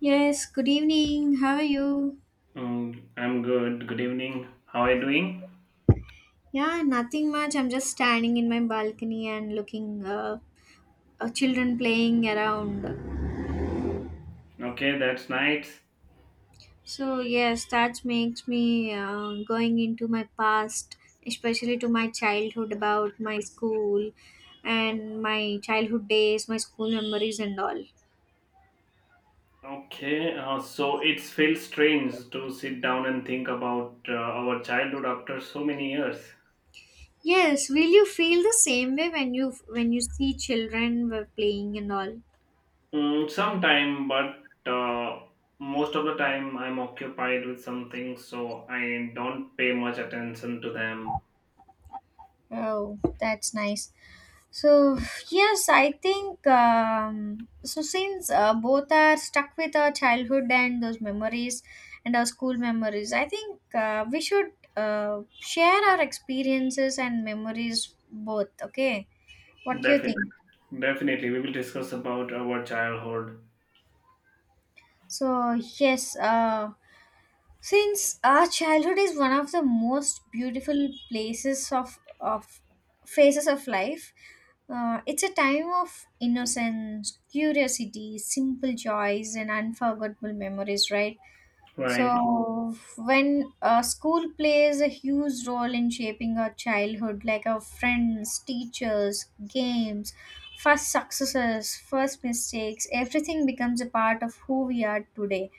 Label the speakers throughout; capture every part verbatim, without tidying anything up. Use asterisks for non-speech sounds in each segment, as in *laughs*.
Speaker 1: Yes, good evening. How are you?
Speaker 2: Um, I'm good. Good evening. How are you doing?
Speaker 1: Yeah, nothing much. I'm just standing in my balcony and looking uh, uh, children playing around.
Speaker 2: Okay, that's nice.
Speaker 1: So yes, that makes me uh, going into my past, especially to my childhood about my school and my childhood days, my school memories and all.
Speaker 2: Okay, uh, so it feels strange to sit down and think about uh, our childhood after so many years.
Speaker 1: Yes, will you feel the same way when you when you see children were playing and all?
Speaker 2: Mm, sometime, but uh, most of the time I'm occupied with something, so I don't pay much attention to them.
Speaker 1: Oh, that's nice. So, yes, I think um, so. Since uh, both are stuck with our childhood and those memories and our school memories, I think uh, we should uh, share our experiences and memories both. Okay, what do you
Speaker 2: Defi-
Speaker 1: think?
Speaker 2: definitely, we will discuss about our childhood,
Speaker 1: So, yes, uh, since our childhood is one of the most beautiful places of, of phases of life, uh, it's a time of innocence, curiosity, simple joys, and unforgettable memories, right?
Speaker 2: right?
Speaker 1: So when uh, school plays a huge role in shaping our childhood, like our friends, teachers, games, first successes, first mistakes, everything becomes a part of who we are today.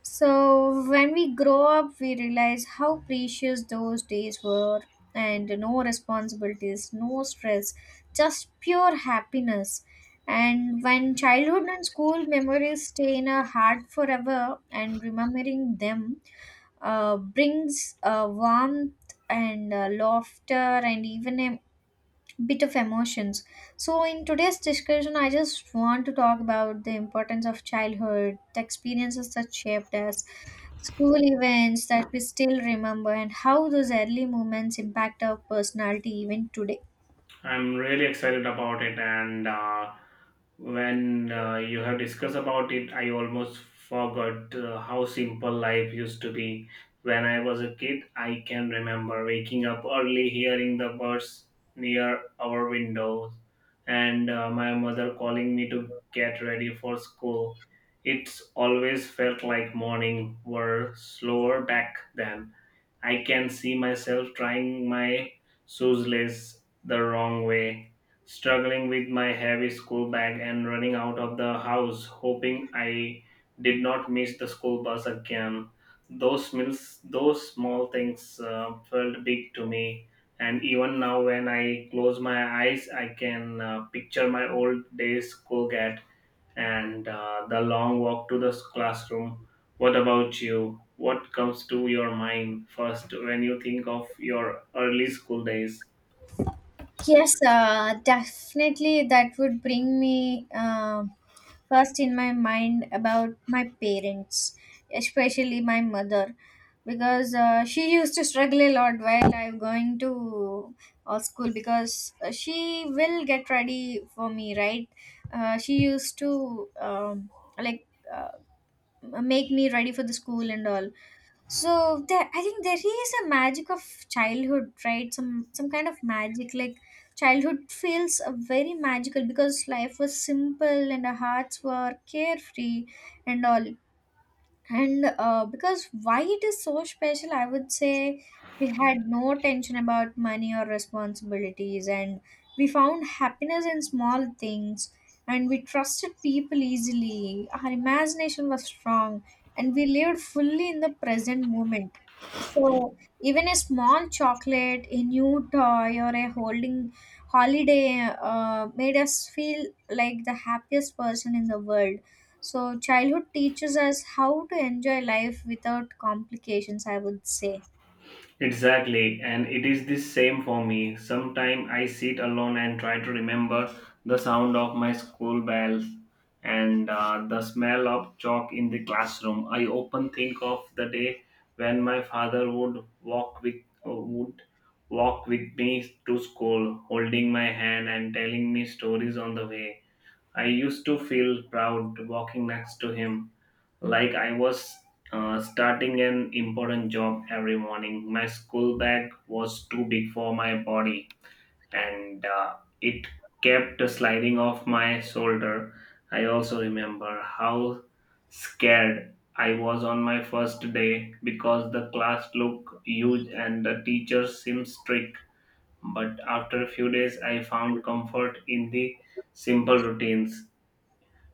Speaker 1: So, when we grow up, we realize how precious those days were, and no responsibilities, no stress, just pure happiness. And when childhood and school memories stay in our heart forever, and remembering them uh, brings uh, warmth and uh, laughter and even a bit of emotions. So, in today's discussion, I just want to talk about the importance of childhood, the experiences that shaped us, school events that we still remember, and how those early moments impact our personality even today.
Speaker 2: I'm really excited about it, and uh, when uh, you have discussed about it, I almost forgot uh, how simple life used to be. When I was a kid, I can remember waking up early, hearing the birds near our windows, and uh, my mother calling me to get ready for school. It's always felt like morning were slower back then. I can see myself trying my shoelace the wrong way, struggling with my heavy school bag and running out of the house, hoping I did not miss the school bus again. Those mills, those small things uh, felt big to me, and even now when I close my eyes, I can uh, picture my old days school get and uh, the long walk to the s- classroom. What about you? What comes to your mind first when you think of your early school days?
Speaker 1: Yes, uh, definitely. That would bring me uh, first in my mind about my parents, especially my mother, because uh, she used to struggle a lot while I'm going to uh, school because uh, she will get ready for me, right? Uh, she used to um, like uh, make me ready for the school and all. So there, I think there is a magic of childhood, right? Some some kind of magic, like childhood feels uh, very magical because life was simple and our hearts were carefree and all. And uh, because why it is so special, I would say we had no tension about money or responsibilities, and we found happiness in small things, and we trusted people easily. Our imagination was strong, and we lived fully in the present moment. So, even a small chocolate, a new toy, or a holding holiday uh, made us feel like the happiest person in the world. So, childhood teaches us how to enjoy life without complications, I would say.
Speaker 2: Exactly, and it is the same for me. Sometimes I sit alone and try to remember the sound of my school bells and uh, the smell of chalk in the classroom. I often think of the day when my father would walk with uh, would walk with me to school, holding my hand and telling me stories on the way. I used to feel proud walking next to him like I was uh, starting an important job every morning. My school bag was too big for my body and uh, it kept sliding off my shoulder. I also remember how scared I was on my first day because the class looked huge and the teacher seemed strict. But after a few days, I found comfort in the simple routines: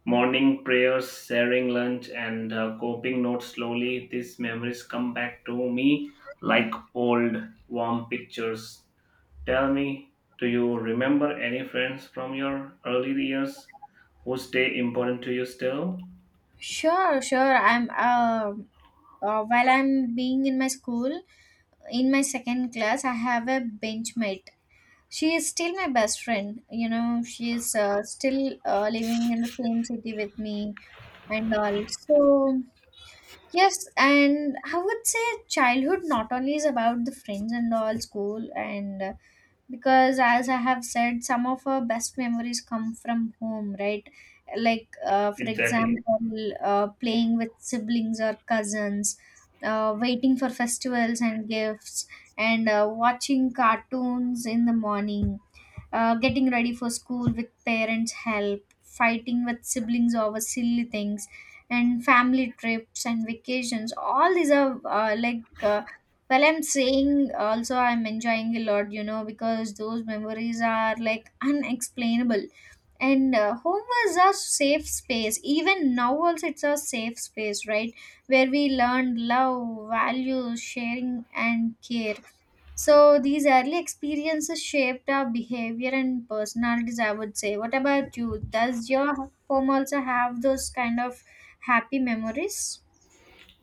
Speaker 2: morning prayers, sharing lunch, and uh, coping notes slowly. These memories come back to me like old, warm pictures. Tell me, do you remember any friends from your early years who stay important to you still?
Speaker 1: Sure, sure. I'm um uh, while I'm being in my school, in my second class, I have a benchmate. She is still my best friend. You know, she is uh, still uh, living in the same city with me and all. So yes, and I would say childhood not only is about the friends and all school and uh, because as I have said, some of our best memories come from home, right? Like uh, for
Speaker 2: Exactly.
Speaker 1: example, uh, playing with siblings or cousins, uh, waiting for festivals and gifts, and uh, watching cartoons in the morning, uh, getting ready for school with parents' help, fighting with siblings over silly things, and family trips and vacations. All these are uh, like, uh, well, I'm saying also I'm enjoying a lot, you know, because those memories are like unexplainable. And uh, home was a safe space, even now also it's a safe space, right, where we learned love, values, sharing, and care. So these early experiences shaped our behavior and personalities, I would say. What about you? Does your home also have those kind of happy memories?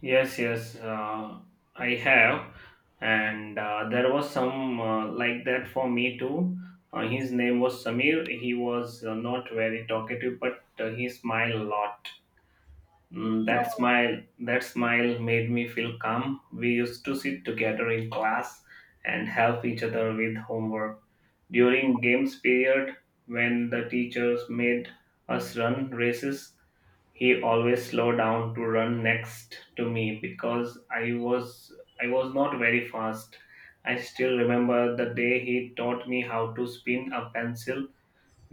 Speaker 2: Yes, yes, uh, I have, and uh, there was some uh, like that for me too. Uh, his name was Samir. He was uh, not very talkative, but uh, he smiled a lot. Mm, that smile, that smile made me feel calm. We used to sit together in class and help each other with homework. During games period, when the teachers made us run races, he always slowed down to run next to me because I was I was not very fast. I still remember the day he taught me how to spin a pencil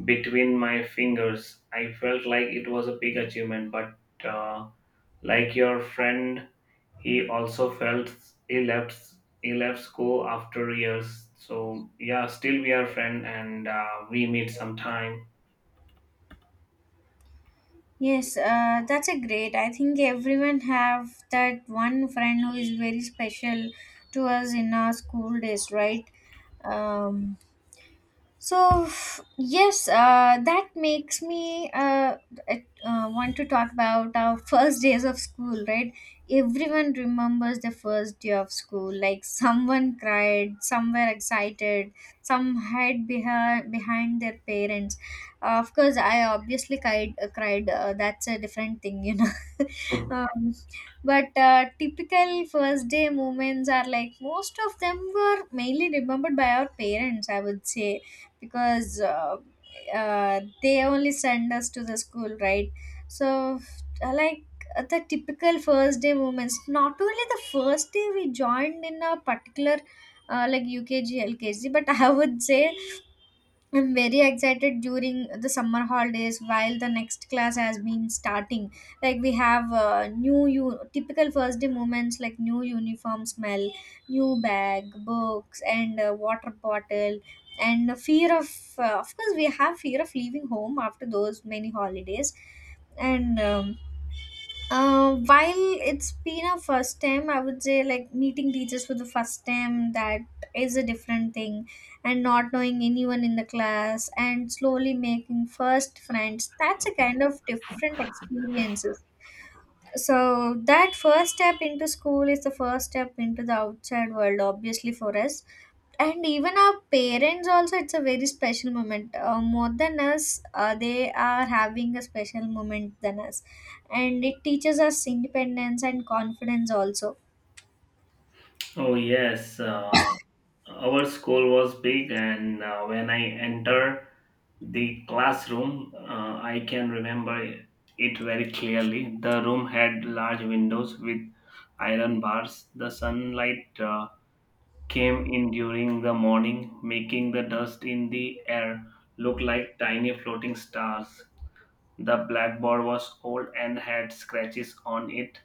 Speaker 2: between my fingers. I felt like it was a big achievement, but uh, like your friend, he also felt he left he left school after years. So yeah, still we are friend and uh, we meet sometime.
Speaker 1: Yes, uh, that's a great. I think everyone have that one friend who is very special to us in our school days, right? Um, so yes, uh, that makes me uh, uh, want to talk about our first days of school, right? Everyone remembers the first day of school. Like someone cried, some were excited, some hid behind behind their parents. Uh, of course, I obviously cried. Uh, cried. Uh, that's a different thing, you know. *laughs*
Speaker 2: Mhm.
Speaker 1: um, but uh, typical first day moments are like most of them were mainly remembered by our parents, I would say, because uh, uh, they only send us to the school, right? So uh, like uh, the typical first day moments, not only the first day we joined in a particular uh, like u k g, but *laughs* I would say I'm very excited during the summer holidays while the next class has been starting. Like we have uh, new u- typical first day moments like new uniform smell, new bag, books, and uh, water bottle, and the fear of uh, of course we have fear of leaving home after those many holidays, and. Um, uh, while it's been a first time, I would say, like meeting teachers for the first time, that is a different thing, and not knowing anyone in the class and slowly making first friends. That's a kind of different experiences. So that first step into school is the first step into the outside world, obviously, for us. And even our parents also, it's a very special moment. Uh, more than us, uh, they are having a special moment than us, and it teaches us independence and confidence also.
Speaker 2: Oh yes, uh, our school was big, and uh, when I enter the classroom, uh, I can remember it very clearly. The room had large windows with iron bars. The sunlight Uh, came in during the morning, making the dust in the air look like tiny floating stars. The blackboard was old and had scratches on it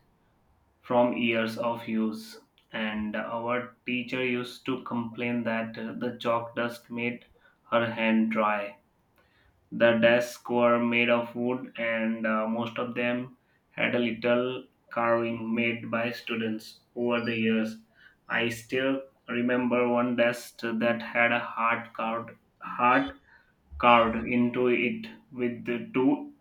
Speaker 2: from years of use, and our teacher used to complain that uh, the chalk dust made her hand dry. The desks were made of wood, and uh, most of them had a little carving made by students over the years. I still remember one desk that had a heart carved, heart carved into it with the two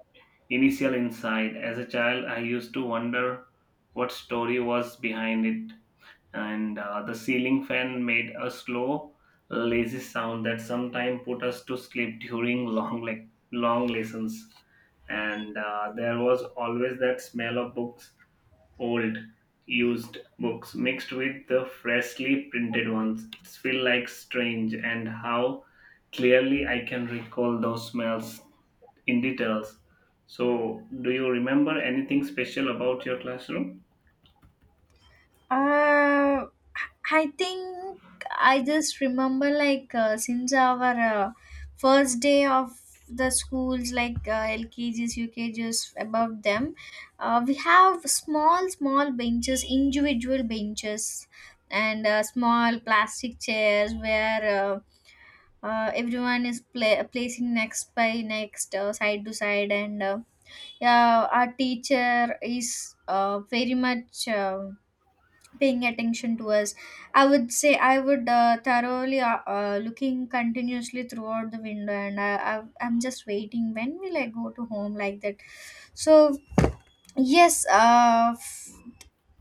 Speaker 2: initial inside. As a child, I used to wonder what story was behind it and uh, the ceiling fan made a slow, lazy sound that sometimes put us to sleep during long, like long lessons. And uh, there was always that smell of books, old, used books mixed with the freshly printed ones. It feel like strange, and how clearly I can recall those smells in details. So, do you remember anything special about your classroom?
Speaker 1: Uh, I think I just remember like uh, since our uh, first day of the schools, like uh, L K Gs, U K Gs above them, uh, we have small, small benches, individual benches, and uh, small plastic chairs where uh, uh, everyone is pla- placing next by next, uh, side to side, and uh, yeah, our teacher is uh, very much Uh, paying attention to us, I would say. I would uh, thoroughly uh, uh, looking continuously throughout the window, and I, I, I'm just waiting when will I go to home, like that. So yes, uh, f-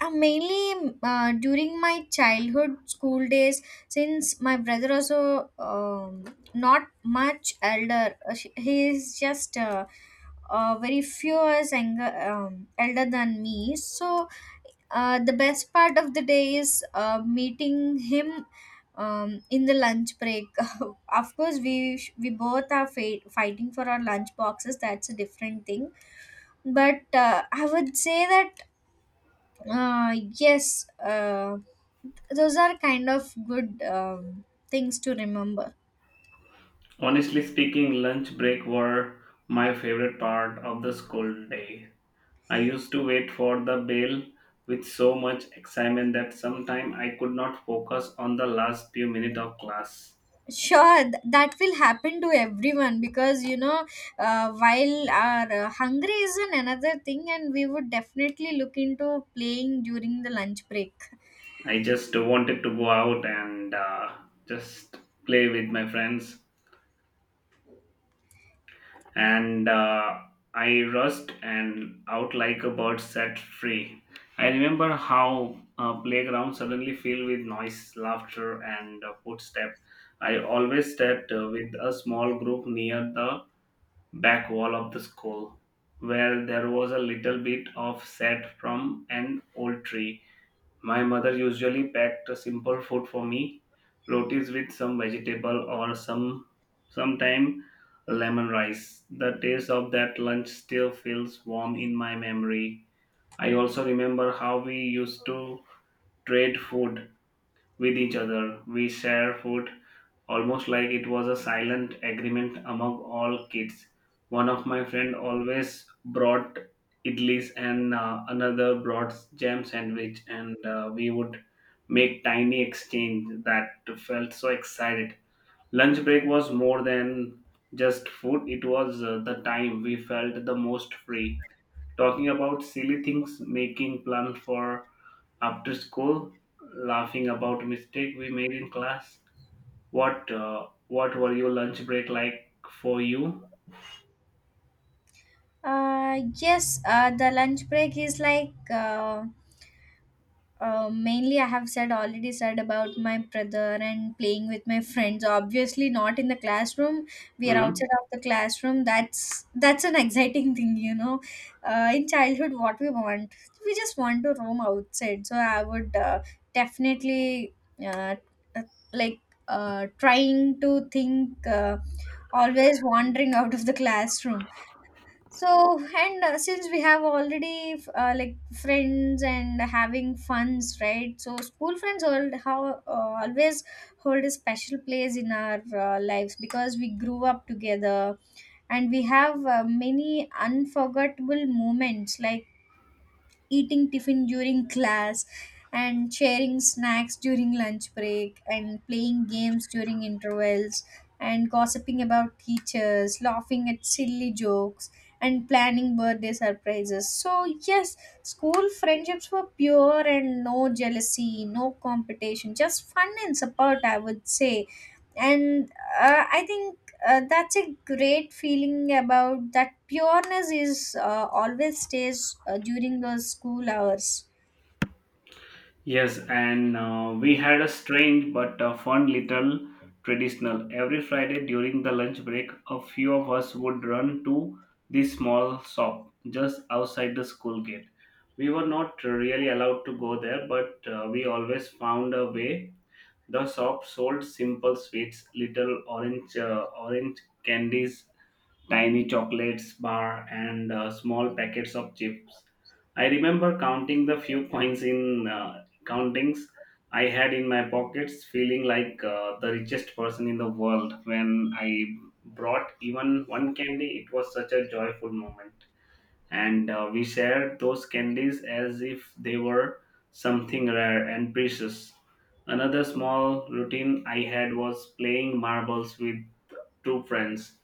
Speaker 1: uh, mainly uh, during my childhood school days, since my brother also, um, not much elder, uh, sh- he is just uh, uh, very few years younger, um, elder than me. So uh, the best part of the day is uh, meeting him, um, in the lunch break. *laughs* Of course, we sh- we both are fa- fighting for our lunch boxes. That's a different thing. But uh, I would say that uh, yes, uh, those are kind of good um, things to remember.
Speaker 2: Honestly speaking, lunch break were my favorite part of the school day. I used to wait for the bell with so much excitement that sometimes I could not focus on the last few minutes of class.
Speaker 1: Sure, th- that will happen to everyone, because you know, uh, while our uh, hungry is an another thing, and we would definitely look into playing during the lunch break.
Speaker 2: I just wanted to go out and uh, just play with my friends, and uh, I rushed and out like a bird set free. I remember how a playground suddenly filled with noise, laughter, and uh, footsteps. I always stepped uh, with a small group near the back wall of the school, where there was a little bit of shade from an old tree. My mother usually packed a simple food for me, rotis with some vegetable or some sometime lemon rice. The taste of that lunch still feels warm in my memory. I also remember how we used to trade food with each other. We share food almost like it was a silent agreement among all kids. One of my friend always brought idlis and uh, another brought jam sandwich, and uh, we would make tiny exchange that felt so excited. Lunch break was more than just food; it was uh, the time we felt the most free. Talking about silly things, making plans for after school, laughing about mistake we made in class. What uh, what were your lunch break like for you?
Speaker 1: Uh yes uh the lunch break is like uh, Uh, mainly, I have said already said about my brother and playing with my friends. Obviously, not in the classroom. We are
Speaker 2: Mhm.
Speaker 1: outside of the classroom. That's that's an *laughs* exciting thing, you know. Uh, in childhood, what we want, we just want to roam outside. So I would uh, definitely uh, uh, like uh, trying to think, uh, always wandering *laughs* out of the classroom. So, and uh, since we have already f- uh, like friends and having funs, right? So, school friends hold, how uh, always hold a special place in our uh, lives, because we grew up together and we have uh, many unforgettable moments like eating tiffin during class and sharing snacks during lunch break and playing games during intervals and gossiping about teachers, laughing at silly jokes and planning birthday surprises. So yes, school friendships were pure, and no jealousy, no competition, just fun and support, I would say. And uh, I think uh, that's a great feeling about that pureness is uh, always stays uh, during those school hours.
Speaker 2: Yes, and uh, we had a strange but uh, fun little traditional. Every Friday during the lunch break, a few of us would run to this small shop just outside the school gate. We were not really allowed to go there, but uh, we always found a way. The shop sold simple sweets, little orange uh, orange candies, tiny chocolates bar, and uh, small packets of chips. I remember counting the few coins in uh, countings I had in my pockets, feeling like uh, the richest person in the world when I brought even one candy. It was such a joyful moment and uh, we shared those candies as if they were something rare and precious. Another small routine I had was playing marbles with two friends.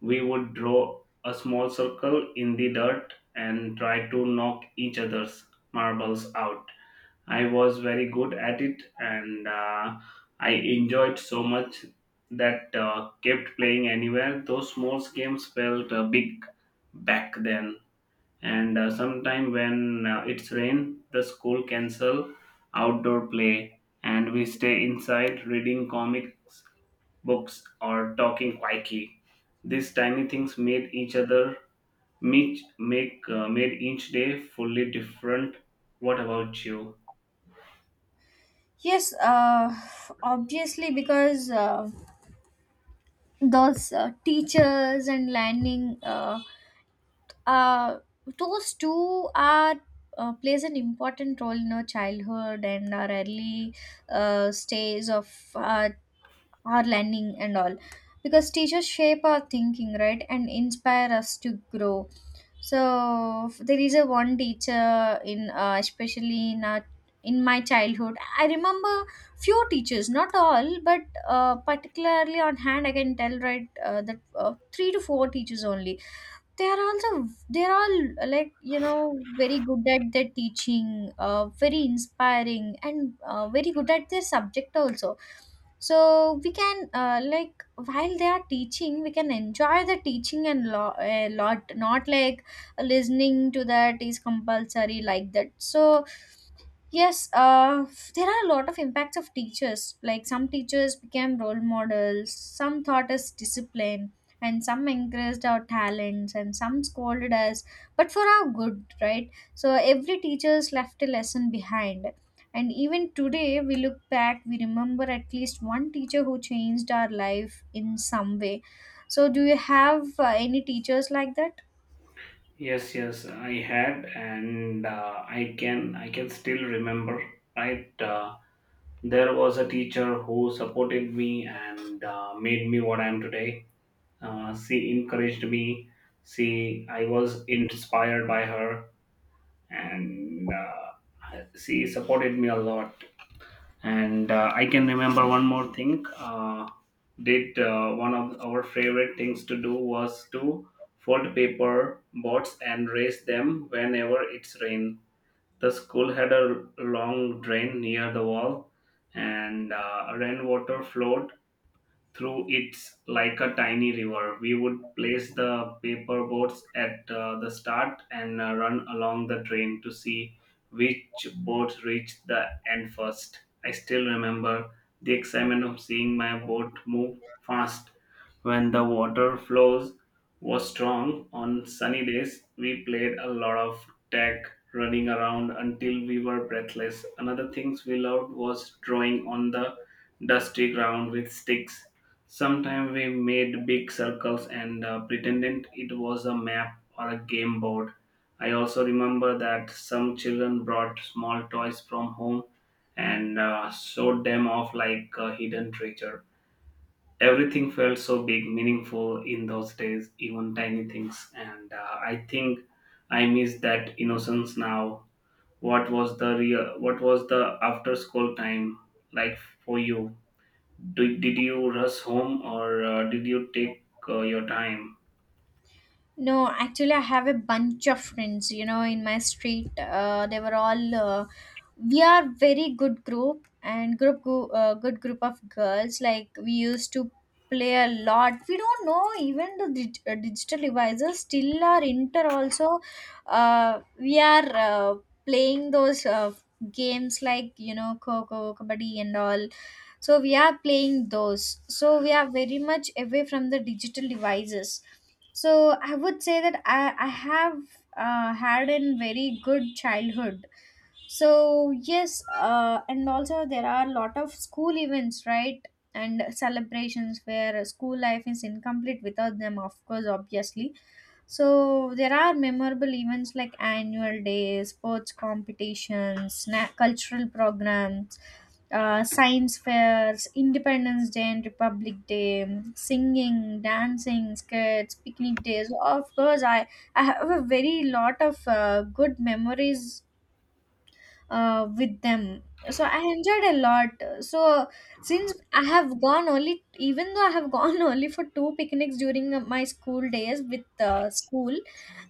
Speaker 2: We would draw a small circle in the dirt and try to knock each other's marbles out. I was very good at it and uh, I enjoyed so much that uh, kept playing anywhere. Those small games felt uh, big back then and uh, sometime when uh, it's rain the school cancel outdoor play and we stay inside reading comics books or talking quietly. These tiny things made each other make make uh, made each day fully different. What about you?
Speaker 1: Yes, uh, obviously, because uh, those uh, teachers and learning, uh, uh, those two are uh, plays an important role in our childhood and our early uh, stage of our our learning and all, because teachers shape our thinking, right, and inspire us to grow. So f- there is a one teacher in uh, especially in our, in my childhood, I remember few teachers, not all, but uh, particularly on hand I can tell, right, uh, that uh, three to four teachers only. They are also, they're all, like, you know, very good at their teaching, uh, very inspiring, and uh, very good at their subject also. So we can uh, like while they are teaching, we can enjoy the teaching and lo- a lot, not like listening to that is compulsory, like that. So yes, uh, there are a lot of impacts of teachers. Like some teachers became role models, some taught us discipline, and some encouraged our talents, and some scolded us, but for our good, right? So every teacher's left a lesson behind. And even today, we look back, we remember at least one teacher who changed our life in some way. So, do you have uh, any teachers like that?
Speaker 2: Yes, yes, I had and uh, i can i can still remember, right. Uh, there was a teacher who supported me and uh, made me what I am today. Uh, she encouraged me. She, I was inspired by her, and uh, she supported me a lot. And uh, I can remember one more thing. Uh, did uh, one of our favorite things to do was to fold paper boats and raise them whenever it's rain. The school had a long drain near the wall, and uh, rainwater flowed through it's like a tiny river. We would place the paper boats at uh, the start and uh, run along the train to see which boat reached the end first. I still remember the excitement of seeing my boat move fast when the water flows was strong. On sunny days we played a lot of tag, running around until we were breathless. Another things we loved was drawing on the dusty ground with sticks. Sometimes we made big circles and uh, pretended it was a map or a game board. I also remember that some children brought small toys from home and uh, showed them off like a hidden treasure. Everything felt so big, meaningful in those days, even tiny things. And uh, I think I miss that innocence now. What was the real? What was the after school time like for you? Did, did you rush home or uh, did you take uh, your time?
Speaker 1: No, actually, I have a bunch of friends, you know, in my street. Uh, they were all, uh, we are very good group and group, go- uh, good group of girls. Like we used to play a lot. We don't know even the dig- uh, digital devices still are inter also. Uh, we are uh, playing those uh, games like, you know, Coco, Kabaddi and all. So we are playing those. So we are very much away from the digital devices, so I would say that i, I have uh, had a very good childhood. So yes, uh, and also there are a lot of school events, right, and celebrations where school life is incomplete without them, of course, obviously. So there are memorable events like annual days, sports competitions, na- cultural programs, uh, science fairs, Independence Day and Republic Day, singing, dancing, skits, picnic days. Of course, I, I have a very lot of uh, good memories uh, with them. So I enjoyed a lot. So since I have gone only, even though I have gone *laughs* only for two picnics during my school days with uh, school,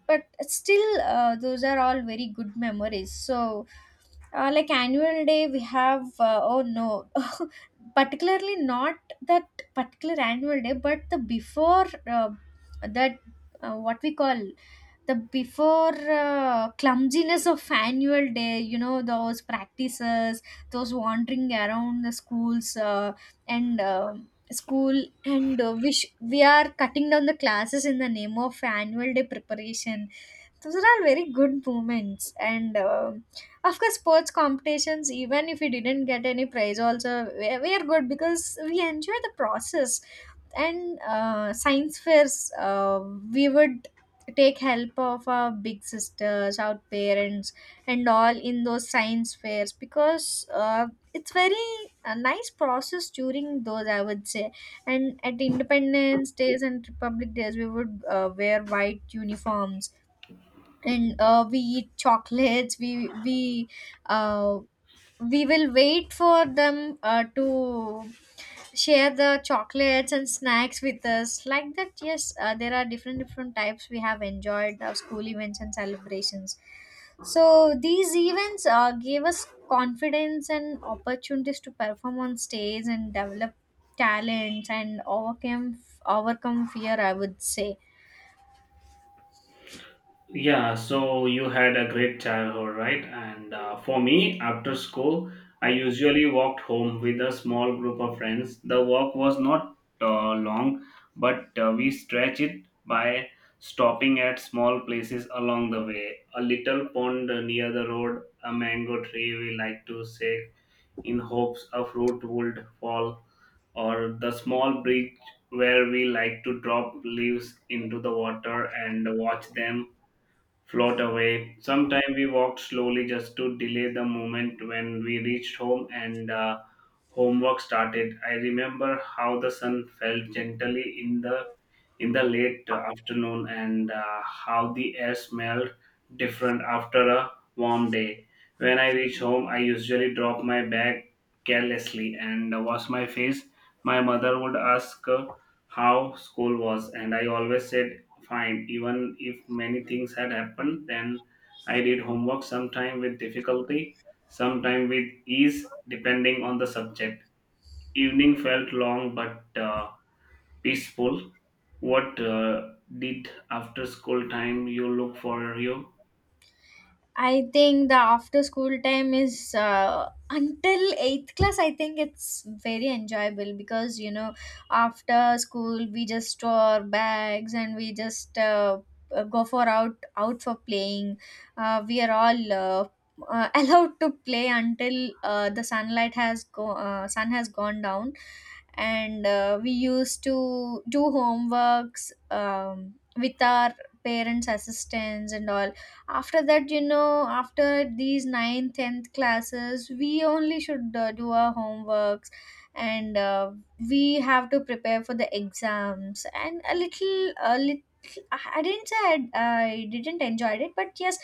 Speaker 1: but still uh, those are all very good memories. So uh, like annual day we have uh, oh no, particularly not that particular annual day, but the before uh, that, uh, what we call the before uh, clumsiness of annual day. You know those practices, those wandering around the schools uh, and. Uh, school and uh, wish we are cutting down the classes in the name of annual day preparation. So those are all very good moments. And um of course sports competitions, even if we didn't get any prize also, we we are good because we enjoy the process. And uh, science fairs, uh, we would take help of our big sisters, our parents and all in those science fairs because uh, it's very a nice process during those, I would say. And at Independence Days and Republic Days, we would uh, wear white uniforms and uh, we eat chocolates. we we uh, we will wait for them uh, to share the chocolates and snacks with us, like that. Yes, uh, there are different different types. We have enjoyed our school events and celebrations. So these events uh, gave us confidence and opportunities to perform on stage and develop talents and overcome overcome fear, I would say.
Speaker 2: Yeah, so you had a great childhood, right? And uh, for me, after school, I usually walked home with a small group of friends. The walk was not uh, long, but uh, we stretched it by stopping at small places along the way. A little pond near the road, a mango tree we like to shake in hopes a fruit would fall, or the small bridge where we like to drop leaves into the water and watch them float away. Sometimes we walked slowly just to delay the moment when we reached home and uh, homework started. I remember how the sun fell gently in the in the late afternoon and uh, how the air smelled different after a warm day. When I reach home, I usually drop my bag carelessly and wash my face. My mother would ask uh, how school was, and I always said fine, even if many things had happened. Then I did homework sometime with difficulty, sometime with ease, depending on the subject. Evening felt long, but uh, peaceful. What uh, did after school time you look for you?
Speaker 1: I think the after school time is uh, until eighth class. I think it's very enjoyable because, you know, after school we just store our bags and we just uh, uh, go for out out for playing. Uh, we are all uh, uh, *laughs* allowed to play until uh, the sunlight has go uh, sun has gone down, and uh, we used to do homeworks um, with our parents' assistance and all. After that, you know, after these ninth, tenth classes, we only should uh, do our homeworks, and uh, we have to prepare for the exams. And a little a little i I didn't say I, I didn't enjoy it, but yes,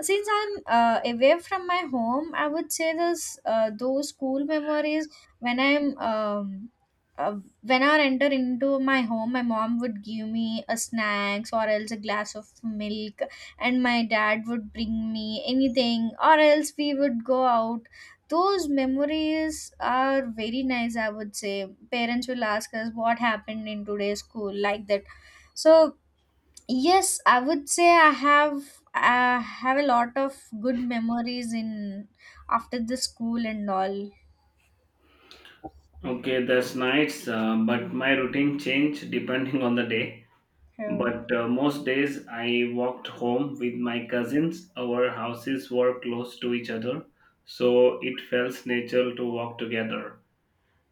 Speaker 1: since I'm uh, away from my home, I would say this, uh, those school memories, when I'm um, uh, when I enter into my home, my mom would give me a snacks or else a glass of milk, and my dad would bring me anything or else we would go out. Those memories are very nice, I would say. Parents will ask us what happened in today's school, like that. So yes, I would say i have I have a lot of good memories in after the school and all.
Speaker 2: Okay, that's nice. Uh, but my routine changed depending on the day.
Speaker 1: So,
Speaker 2: But uh, most days I walked home with my cousins. Our houses were close to each other, so it felt natural to walk together.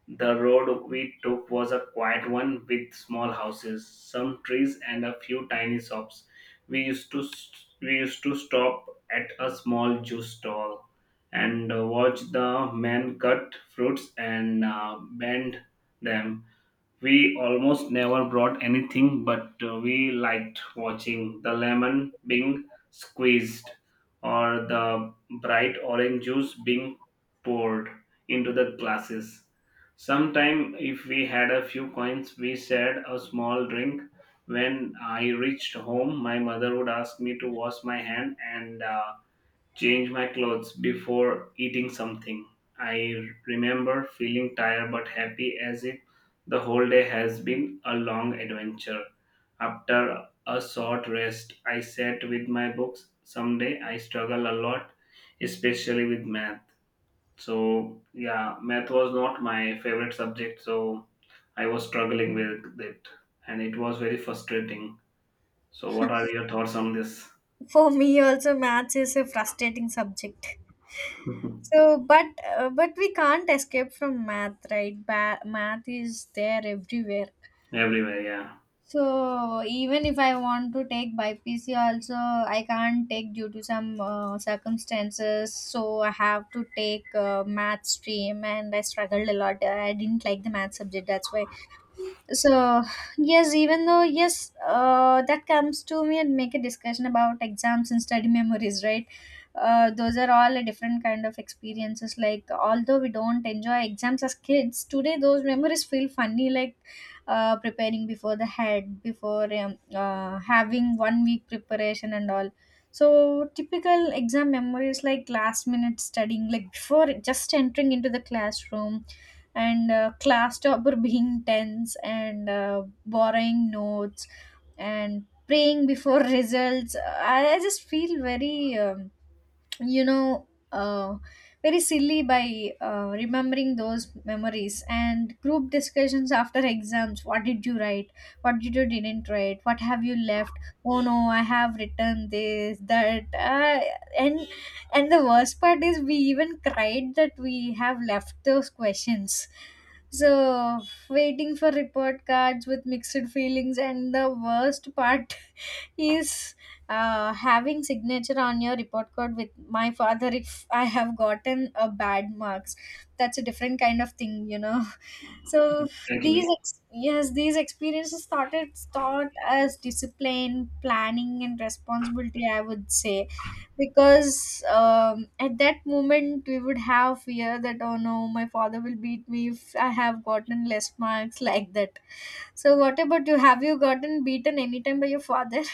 Speaker 2: The road we took was a quiet one with small houses, some trees, and a few tiny shops. We used to we used to stop at a small juice stall and uh, watch the men cut fruits and uh, bend them. We almost never brought anything, but uh, we liked watching the lemon being squeezed or the bright orange juice being poured into the glasses. Sometime, if we had a few coins, we shared a small drink. When I reached home, my mother would ask me to wash my hand and uh, change my clothes before eating something. I remember feeling tired but happy as if the whole day has been a long adventure. After a short rest, I sat with my books. Someday I struggle a lot, especially with math. So, yeah, math was not my favorite subject, so I was struggling with it and it was very frustrating. So, what are your thoughts on this?
Speaker 1: for me, also maths is a frustrating subject.
Speaker 2: *laughs*
Speaker 1: So, but uh, but we can't escape from math, right? Ba- math is there everywhere.
Speaker 2: Everywhere, yeah.
Speaker 1: So even if I want to take B P C also, I can't take, due to some uh, circumstances, so I have to take uh, math stream, and I struggled a lot. I didn't like the math subject, that's why. So yes, even though, yes, uh, that comes to me and make a discussion about exams and study memories, right? uh, those are all a different kind of experiences. Like, although we don't enjoy exams as kids, today those memories feel funny. Like, uh, preparing before the head before um, uh, having one week preparation and all. So typical exam memories like last minute studying, like before just entering into the classroom, and uh, class topper being tense, and uh, borrowing notes and praying before *laughs* results. I, I just feel very um, you know, uh, very silly by uh, remembering those memories and group discussions after exams. What did you write? What did you didn't write? What have you left? Oh no, I have written this, that, uh, and and the worst part is we even cried that we have left those questions. So waiting for report cards with mixed feelings, and the worst part is uh, having signature on your report card with my father if I have gotten a bad marks. That's a different kind of thing, you know. *laughs* So
Speaker 2: Thank
Speaker 1: these
Speaker 2: you.
Speaker 1: ex- yes, these experiences started taught as discipline, planning and responsibility, I would say, because um, at that moment we would have fear that, oh no, my father will beat me if I have gotten less marks, *laughs* like that. So what about you? Have you gotten beaten anytime by your father? *laughs*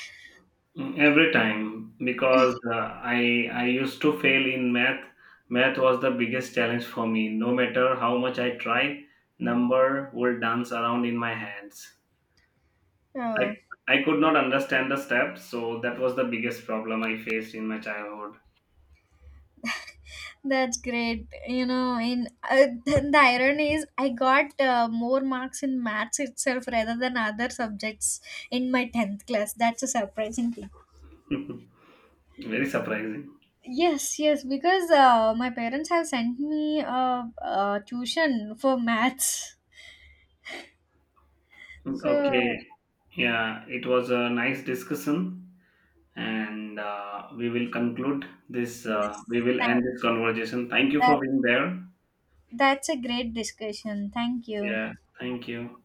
Speaker 2: Mm, every time, because uh, I I used to fail in math. Math was the biggest challenge for me. No matter how much I tried, number would dance around in my hands. I
Speaker 1: Oh,
Speaker 2: I could not understand the steps, so that was the biggest problem I faced in my childhood.
Speaker 1: that's great. You know, in uh, *laughs* the irony is I got uh, more marks in maths itself rather than other subjects in my tenth class. That's a surprising thing.
Speaker 2: *laughs* Very surprising.
Speaker 1: Yes, yes, because uh, my parents have sent me a, a tuition for maths. So,
Speaker 2: Okay, yeah, it was a nice discussion, and uh, we will conclude this.
Speaker 1: yes,
Speaker 2: Uh, we will end
Speaker 1: tha-
Speaker 2: this conversation. Thank you
Speaker 1: that,
Speaker 2: for being there.
Speaker 1: that's a great discussion. Thank you.
Speaker 2: Yeah, thank you.